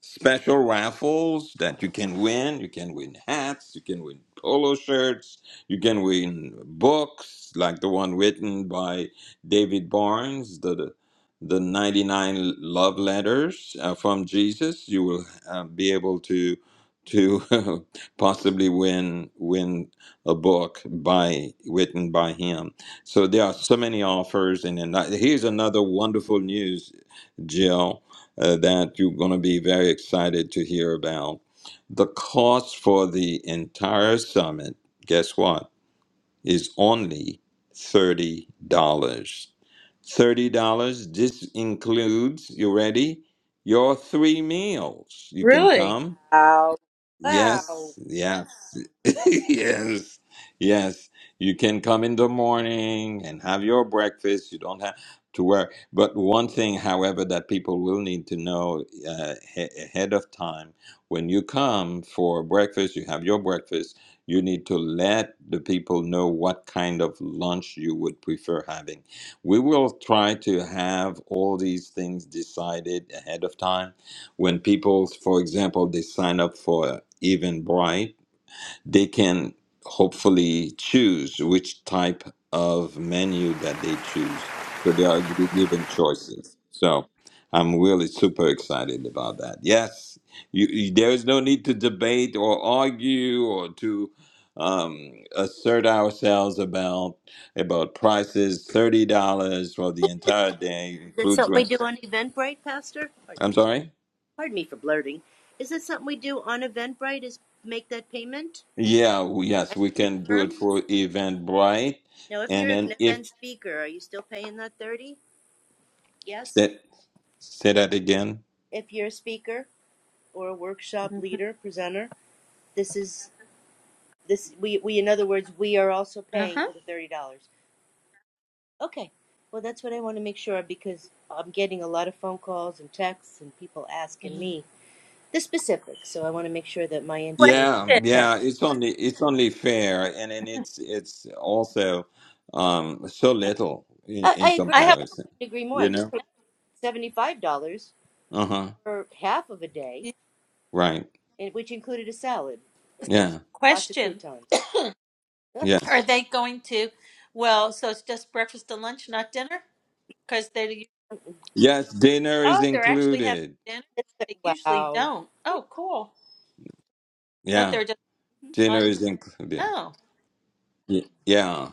Speaker 2: special raffles that you can win. You can win hats, you can win polo shirts, you can win books like the one written by David Barnes, the the, the 99 love letters uh, from Jesus. You will uh, be able to to *laughs* possibly win win a book by written by him. So there are so mano- many offers and then that- here's another wonderful news, Jill uh, that you're going to be very excited to hear about. The cost for the entire summit, guess what, is only $30. dollars. $30, this includes, you ready? Your three meals. You can
Speaker 5: Really?
Speaker 2: come.
Speaker 1: Wow. Wow.
Speaker 2: Yes, Yeah. *laughs* yes, yes. You can come in the morning and have your breakfast. You don't have to work. But one thing, however, that people will need to know uh, he- ahead of time when you come for breakfast, you have your breakfast, you need to let the people know what kind of lunch you would prefer having. We will try to have all these things decided ahead of time. When people, for example, they sign up for Eventbrite they can hopefully choose which type of menu that they choose. So they are be given choices. So I'm really super excited about that. Yes, you, you- there is no need to debate or argue or to um, assert ourselves about about prices. Thirty dollars for the entire day
Speaker 1: Is that
Speaker 2: includes.
Speaker 1: something we do
Speaker 2: rent.
Speaker 1: on Eventbrite, Pastor? Pardon
Speaker 2: I'm
Speaker 1: me.
Speaker 2: sorry.
Speaker 1: pardon me for blurting. Is that something we do on Eventbrite? Is make that payment
Speaker 2: Yeah. w- Yes,
Speaker 1: and
Speaker 2: we can do
Speaker 1: confirm?
Speaker 2: it for
Speaker 1: Okay.
Speaker 2: Eventbrite.
Speaker 1: Now, if
Speaker 2: And
Speaker 1: you're an
Speaker 2: then if
Speaker 1: event speaker, are you still paying that thirty? Yes.
Speaker 2: Say, say that again.
Speaker 1: If you're a speaker or a workshop leader presenter, this is this we we in other words we are also
Speaker 5: Uh
Speaker 1: paying
Speaker 5: huh.
Speaker 1: for the thirty dollars. Okay. Well, that's what I want to make sure of because I'm getting a lot of phone calls and texts and people asking me the specifics. So I want to make sure that my information
Speaker 2: Yeah,
Speaker 5: Question.
Speaker 1: is correct.
Speaker 2: yeah, it's only it's only fair, and and it's it's also um so
Speaker 5: Yeah.
Speaker 2: little in,
Speaker 1: I, I
Speaker 2: in
Speaker 1: agree.
Speaker 5: I
Speaker 1: I
Speaker 5: have
Speaker 2: comparison,
Speaker 1: couldn't agree more.
Speaker 2: you
Speaker 1: I just
Speaker 2: know?
Speaker 1: $75
Speaker 2: Uh-huh.
Speaker 1: for half of a day,
Speaker 5: a
Speaker 2: Right.
Speaker 1: and which included a salad and so
Speaker 2: Yeah.
Speaker 1: lots of
Speaker 5: question.
Speaker 1: croutons. *laughs*
Speaker 2: Yes.
Speaker 5: Are they going to? Well, so it's just breakfast and lunch, not dinner, because they
Speaker 2: Yes, dinner is
Speaker 5: oh they're actually having
Speaker 2: included.
Speaker 5: dinner. They usually
Speaker 1: wow.
Speaker 5: don't. Oh, cool. Thought they
Speaker 2: Yeah,
Speaker 5: were just
Speaker 2: dinner
Speaker 5: lunch.
Speaker 2: is included.
Speaker 5: Oh,
Speaker 2: Y- Yeah.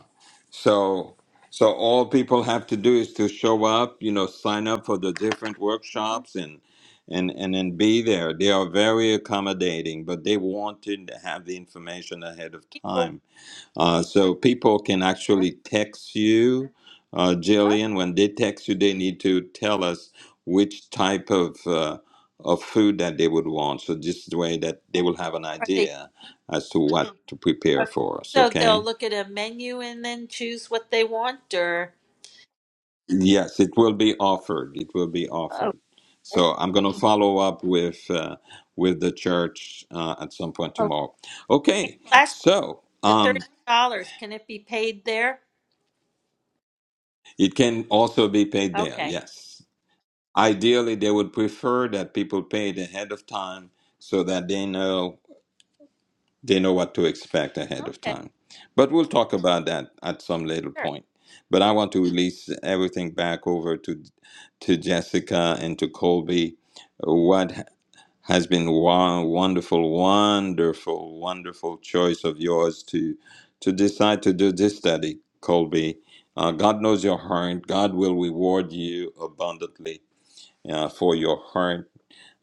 Speaker 2: So so all people have to do is to show up, you know, sign up for the different
Speaker 5: hmm
Speaker 2: workshops and and and then be there. They are very accommodating, but they wanted to have the information ahead of
Speaker 5: people
Speaker 2: time. Uh, so people can
Speaker 5: are
Speaker 2: actually text you, uh,
Speaker 5: huh?
Speaker 2: Jillian. When they text you, they need to tell us which type of uh, of food that they would want. So this is the way that they will have an
Speaker 5: Are they
Speaker 2: idea as to what to prepare
Speaker 5: okay?
Speaker 2: for us.
Speaker 5: So
Speaker 2: Okay.
Speaker 5: they'll look at a menu and then choose what they want, or
Speaker 2: Yes, it will be offered. It will be
Speaker 5: okay.
Speaker 2: offered. So I'm going to follow up with uh, with the church uh, at some point
Speaker 5: Okay.
Speaker 2: tomorrow. Okay.
Speaker 5: Last question:
Speaker 2: So
Speaker 5: the thirty
Speaker 2: um,
Speaker 5: dollars can it be paid there?
Speaker 2: it can also be paid there.
Speaker 5: Okay.
Speaker 2: Yes. Ideally, they would prefer that people pay it ahead of time so that they know they know what to expect ahead of
Speaker 5: Okay,
Speaker 2: time. But we'll talk about that at some later
Speaker 5: sure.
Speaker 2: point. But I want to release everything back over to to Jessica and to Colby What Has been one wonderful, wonderful, wonderful choice of yours to to decide to do this study, Colby. Uh, God knows your heart. God will reward you abundantly uh, for your heart,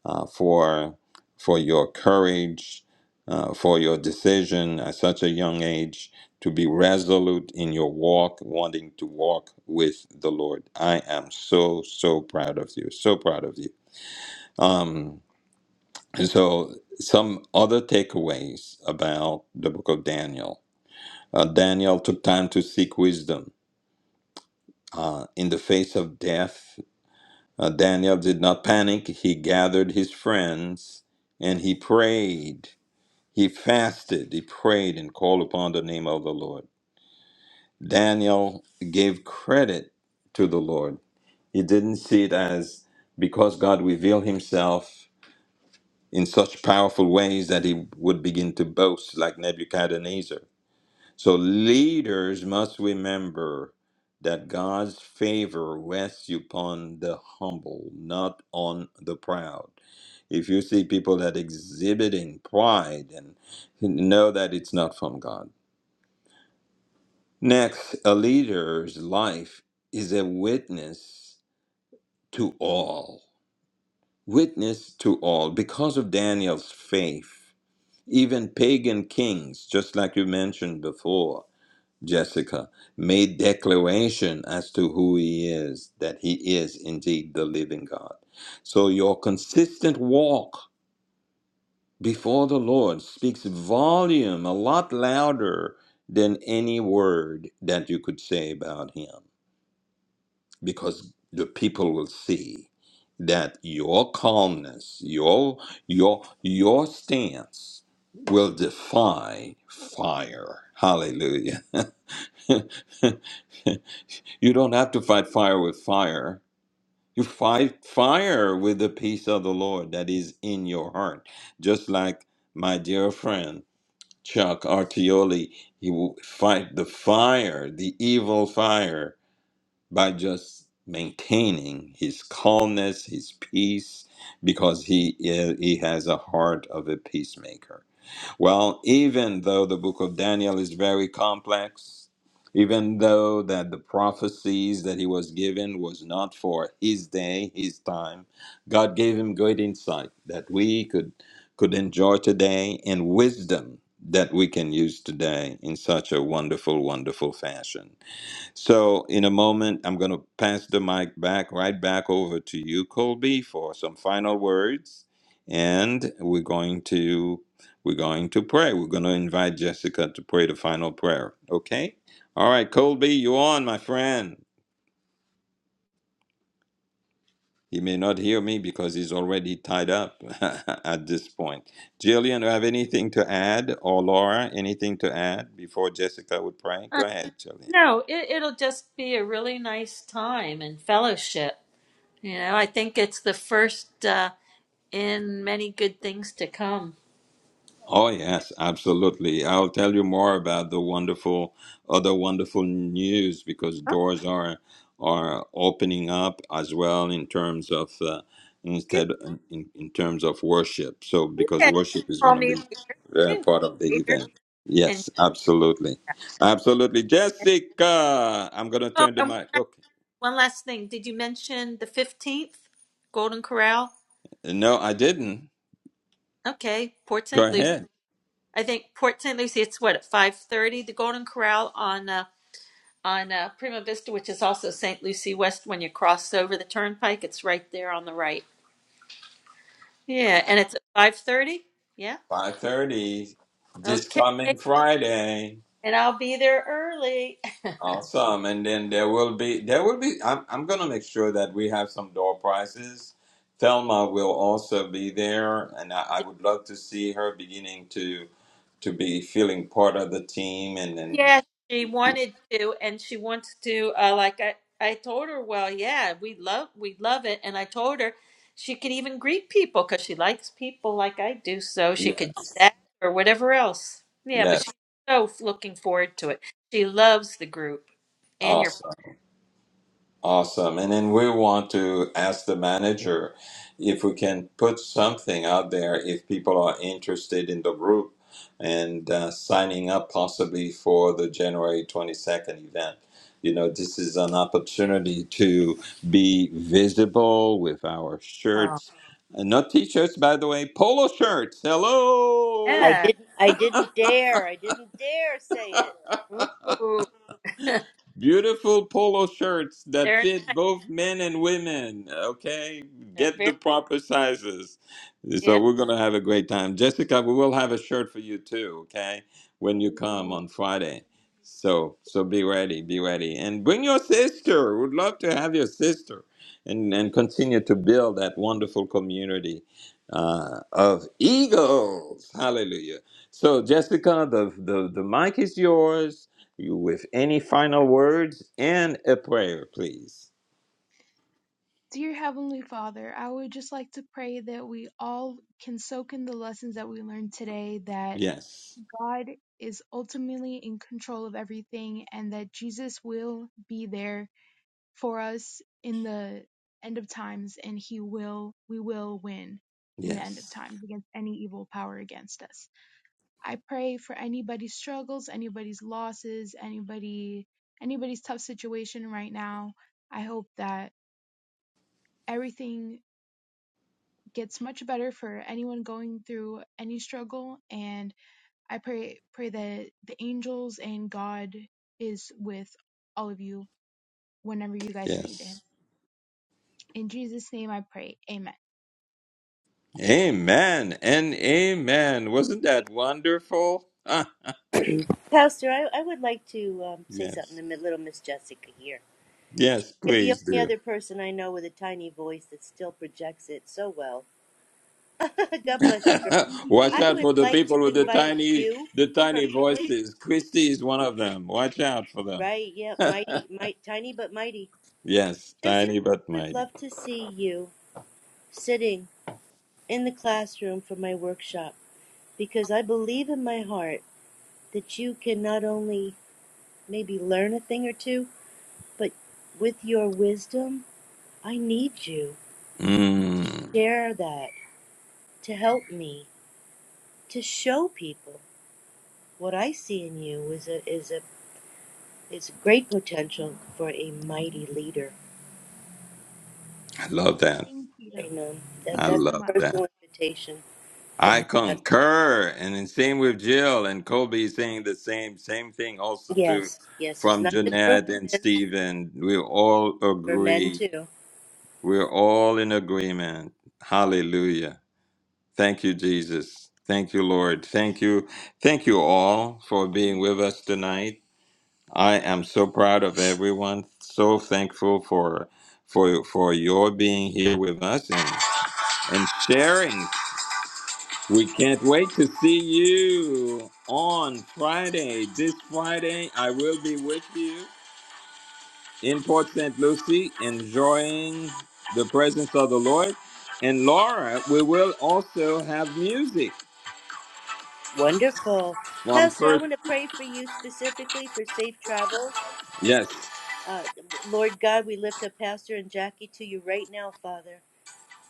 Speaker 2: uh, for for your courage, uh, for your decision at such a young age to be resolute in your walk, wanting to walk with the Lord. I am so so proud of you. So proud of you. Um, and so, some other takeaways about the book of Daniel. Uh, Daniel took time to seek wisdom. Uh, in the face of death, uh, Daniel did not panic. He gathered his friends and he prayed. He fasted, he prayed, and called upon the name of the Lord. Daniel gave credit to the Lord. He didn't see it as because God revealed himself in such powerful ways that he would begin to boast like Nebuchadnezzar. So leaders must remember that God's favor rests upon the humble, not on the proud. If you see people that exhibiting pride and know that it's not from God. Next, a leader's life is a witness to all. Witness to all because of Daniel's faith Even pagan kings, just like you mentioned before, Jessica, made declaration as to who he is, that he is indeed the living God. So your consistent walk before the Lord speaks volume a lot louder than any word that you could say about him because the people will see that your calmness, your your your stance will defy fire. Hallelujah. *laughs* you don't have to fight fire with fire. You fight fire with the peace of the Lord that is in your heart. Just like my dear friend Chuck Artioli, he will fight the fire, the evil fire by just maintaining his calmness, his peace, because he is, he has a heart of a peacemaker. Well, even though the book of Daniel is very complex, even though that the prophecies that he was given was not for his day, his time, God gave him great insight that we could could enjoy today and wisdom that we can use today in such a wonderful, wonderful fashion. So, in a moment, I'm going to pass the mic back, right back over to you, Colby, for some final words, and we're going to we're going to pray. We're going to invite Jessica to pray the final prayer. Okay. All right, Colby, you're on, my friend. He may not hear me because he's already tied up *laughs* at this point. Jillian, do you have anything to add, or Laura, anything to add before Jessica would pray? Go
Speaker 5: Uh,
Speaker 2: ahead, Jillian.
Speaker 5: no, it, it'll just be a really nice time and fellowship. You know, I think it's the first uh, in many good things to come.
Speaker 2: Oh yes, absolutely. I'll tell you more about the wonderful other wonderful news because
Speaker 5: Oh,
Speaker 2: doors are are opening up as well in terms of uh,
Speaker 5: good.
Speaker 2: instead in, in terms of worship. So because
Speaker 5: Yeah, you can
Speaker 2: worship is
Speaker 5: call
Speaker 2: going to
Speaker 5: me
Speaker 2: be
Speaker 5: later. You
Speaker 2: uh,
Speaker 5: can call
Speaker 2: part of the
Speaker 5: me later.
Speaker 2: event.
Speaker 5: And
Speaker 2: Yes, absolutely. Absolutely. Jessica, I'm going to
Speaker 5: oh,
Speaker 2: turn the
Speaker 5: and one
Speaker 2: mic.
Speaker 5: last,
Speaker 2: Okay.
Speaker 5: one last thing. Did you mention the fifteenth, Golden Corral?
Speaker 2: No, I didn't.
Speaker 5: Okay, Port St.
Speaker 2: Go
Speaker 5: Lucie.
Speaker 2: ahead.
Speaker 5: I think Port St. Lucie. It's what at five thirty. The Golden Corral on uh, on uh, Prima Vista, which is also St. Lucie West. When you cross over the turnpike, it's right there on the right. Yeah, and it's at five thirty. Yeah.
Speaker 2: 5:30 this
Speaker 5: Okay,
Speaker 2: coming Friday.
Speaker 5: and I'll be there early. *laughs*
Speaker 2: Awesome. And then there will be there will be I'm I'm gonna make sure that we have some door prizes. Thelma will also be there and I, I would love to see her beginning to to be feeling part of the team and then
Speaker 5: Yeah, she wanted to, and she wants to. Uh, like I, I told her, well, yeah, we love, we love it, and I told her she could even greet people because she likes people like I do, so she
Speaker 2: yeah.
Speaker 5: could do that or whatever else. Yeah, but
Speaker 2: Yes.
Speaker 5: she's so looking forward to it. She loves the group and your.
Speaker 2: Awesome. Awesome. And then we want to ask the manager if we can put something out there if people are interested in the group and uh, signing up possibly for the January 22nd event. You know, this is an opportunity to be visible with our shirts. And not t shirts, by the way, polo shirts. Hello.
Speaker 1: I
Speaker 5: Yeah.
Speaker 1: didn't I didn't dare. I didn't dare say it.
Speaker 5: Ooh, *laughs*
Speaker 2: Beautiful polo shirts that
Speaker 5: they're
Speaker 2: fit
Speaker 5: nice.
Speaker 2: both men and women. Okay,
Speaker 5: They're
Speaker 2: get the
Speaker 5: very
Speaker 2: proper sizes.
Speaker 5: yeah.
Speaker 2: So we're gonna have a great time, Jessica. We will have a shirt for you too. Okay, when you come
Speaker 3: Yay.
Speaker 2: on Friday. So so be ready, be ready, and bring your sister. we Would love to have your sister, and and continue to build that wonderful community uh, of eagles. Hallelujah. So Jessica, the the the mic is yours you with any final words and a prayer, please.
Speaker 3: Dear Heavenly Father, I would just like to pray that we all can soak in the lessons that we learned today, that
Speaker 2: Yes,
Speaker 3: God is ultimately in control of everything and that Jesus will be there for us in the end of times and he will we will win in the end of
Speaker 2: yes,
Speaker 3: times against any evil power against us. I pray for anybody's struggles, anybody's losses, anybody anybody's tough situation right now. I hope that everything gets much better for anyone going through any struggle and I pray pray that the angels and God is with all of you whenever you guys need him.
Speaker 2: yes.
Speaker 3: In Jesus' name I pray. Amen.
Speaker 2: Amen and amen. Wasn't that wonderful? Ah,
Speaker 1: Pastor, I, I would like to um, say something to
Speaker 2: yes,
Speaker 1: mi- little Miss Jessica here. She,
Speaker 2: yes.
Speaker 1: you're the
Speaker 2: Please
Speaker 1: only
Speaker 2: do.
Speaker 1: other person I know with a tiny voice that still projects it so well. *laughs* God bless
Speaker 2: *laughs*
Speaker 1: you, girl.
Speaker 2: Watch
Speaker 1: I
Speaker 2: out
Speaker 1: would
Speaker 2: for the
Speaker 1: like to
Speaker 2: people with the
Speaker 1: invite
Speaker 2: tiny,
Speaker 1: you
Speaker 2: the tiny
Speaker 1: personally.
Speaker 2: voices. Christy is one of them. Watch out for them.
Speaker 1: Right, yeah,
Speaker 2: *laughs*
Speaker 1: mighty, might, tiny but mighty.
Speaker 2: yes,
Speaker 1: Jessica,
Speaker 2: tiny but
Speaker 1: I would
Speaker 2: mighty.
Speaker 1: love to see you sitting in the classroom for my workshop because I believe in my heart that you can not only maybe learn a thing or two, but with your wisdom, I need you to
Speaker 2: Mm,
Speaker 1: share that, to help me, to show people what I see in you is a is a is great potential for a mighty leader.
Speaker 2: I love that.
Speaker 3: Thank you.
Speaker 1: Amen.
Speaker 3: Thank
Speaker 1: That
Speaker 2: I
Speaker 3: you
Speaker 1: that's
Speaker 3: so
Speaker 2: love
Speaker 1: a
Speaker 3: much.
Speaker 2: that.
Speaker 1: personal invitation for
Speaker 2: I
Speaker 1: me.
Speaker 2: concur, and then same with Jill and Colby saying the same same thing also too,
Speaker 1: Yes, yes, it's
Speaker 2: from
Speaker 1: not just for
Speaker 2: Jeanette and
Speaker 1: women,
Speaker 2: Stephen. We all
Speaker 1: for men
Speaker 2: agree.
Speaker 1: too.
Speaker 2: We're all in agreement. Hallelujah. Thank you, Jesus. Thank you, Lord. Thank you. Thank you all for being
Speaker 3: Amen.
Speaker 2: with us tonight. I am so proud of everyone. So thankful for for for your being here with us and and sharing. We can't wait to see you on Friday. This Friday, I will be with you in Port St. Lucie, enjoying the presence of the Lord. And Laura, we will also have music
Speaker 1: Wonderful.
Speaker 2: from
Speaker 1: Pastor, I
Speaker 2: first.
Speaker 1: want to pray for you specifically for safe travels.
Speaker 2: Yes,
Speaker 1: Uh, Lord God, we lift up Pastor and Jackie to you right now, Father.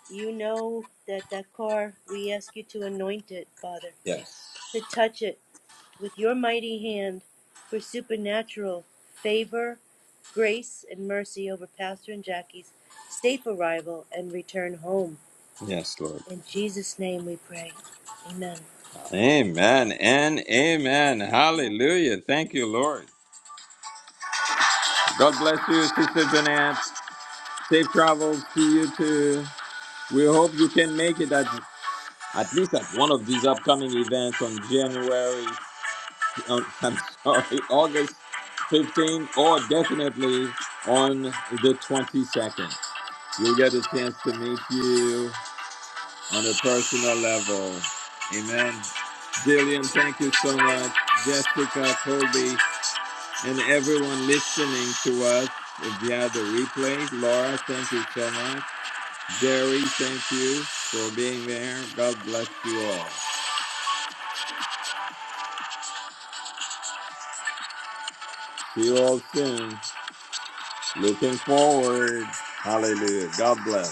Speaker 1: You know that that car, we ask you to anoint it, Father,
Speaker 2: yes,
Speaker 1: to touch it with your mighty hand for supernatural favor, grace, and mercy over Pastor and Jackie's safe arrival and return home.
Speaker 2: yes, Lord.
Speaker 1: In Jesus' name we pray. Amen.
Speaker 2: Amen and amen.
Speaker 3: Amen.
Speaker 2: Hallelujah. Thank you, Lord. God bless you, Sister Jeanette. Safe travels to you too. We hope you can make it. at. at least at one of these upcoming events on January, on, *laughs* I'm sorry, August 15th, or definitely on the 22nd. You'll get a chance to meet you on a personal level. Amen. Jillian, thank you so much. Jessica, Colby, and everyone listening to us via the replay. Laura, thank you so much. Jerry, thank you for being there. God bless you all. See you all soon. Looking forward. Hallelujah. God bless.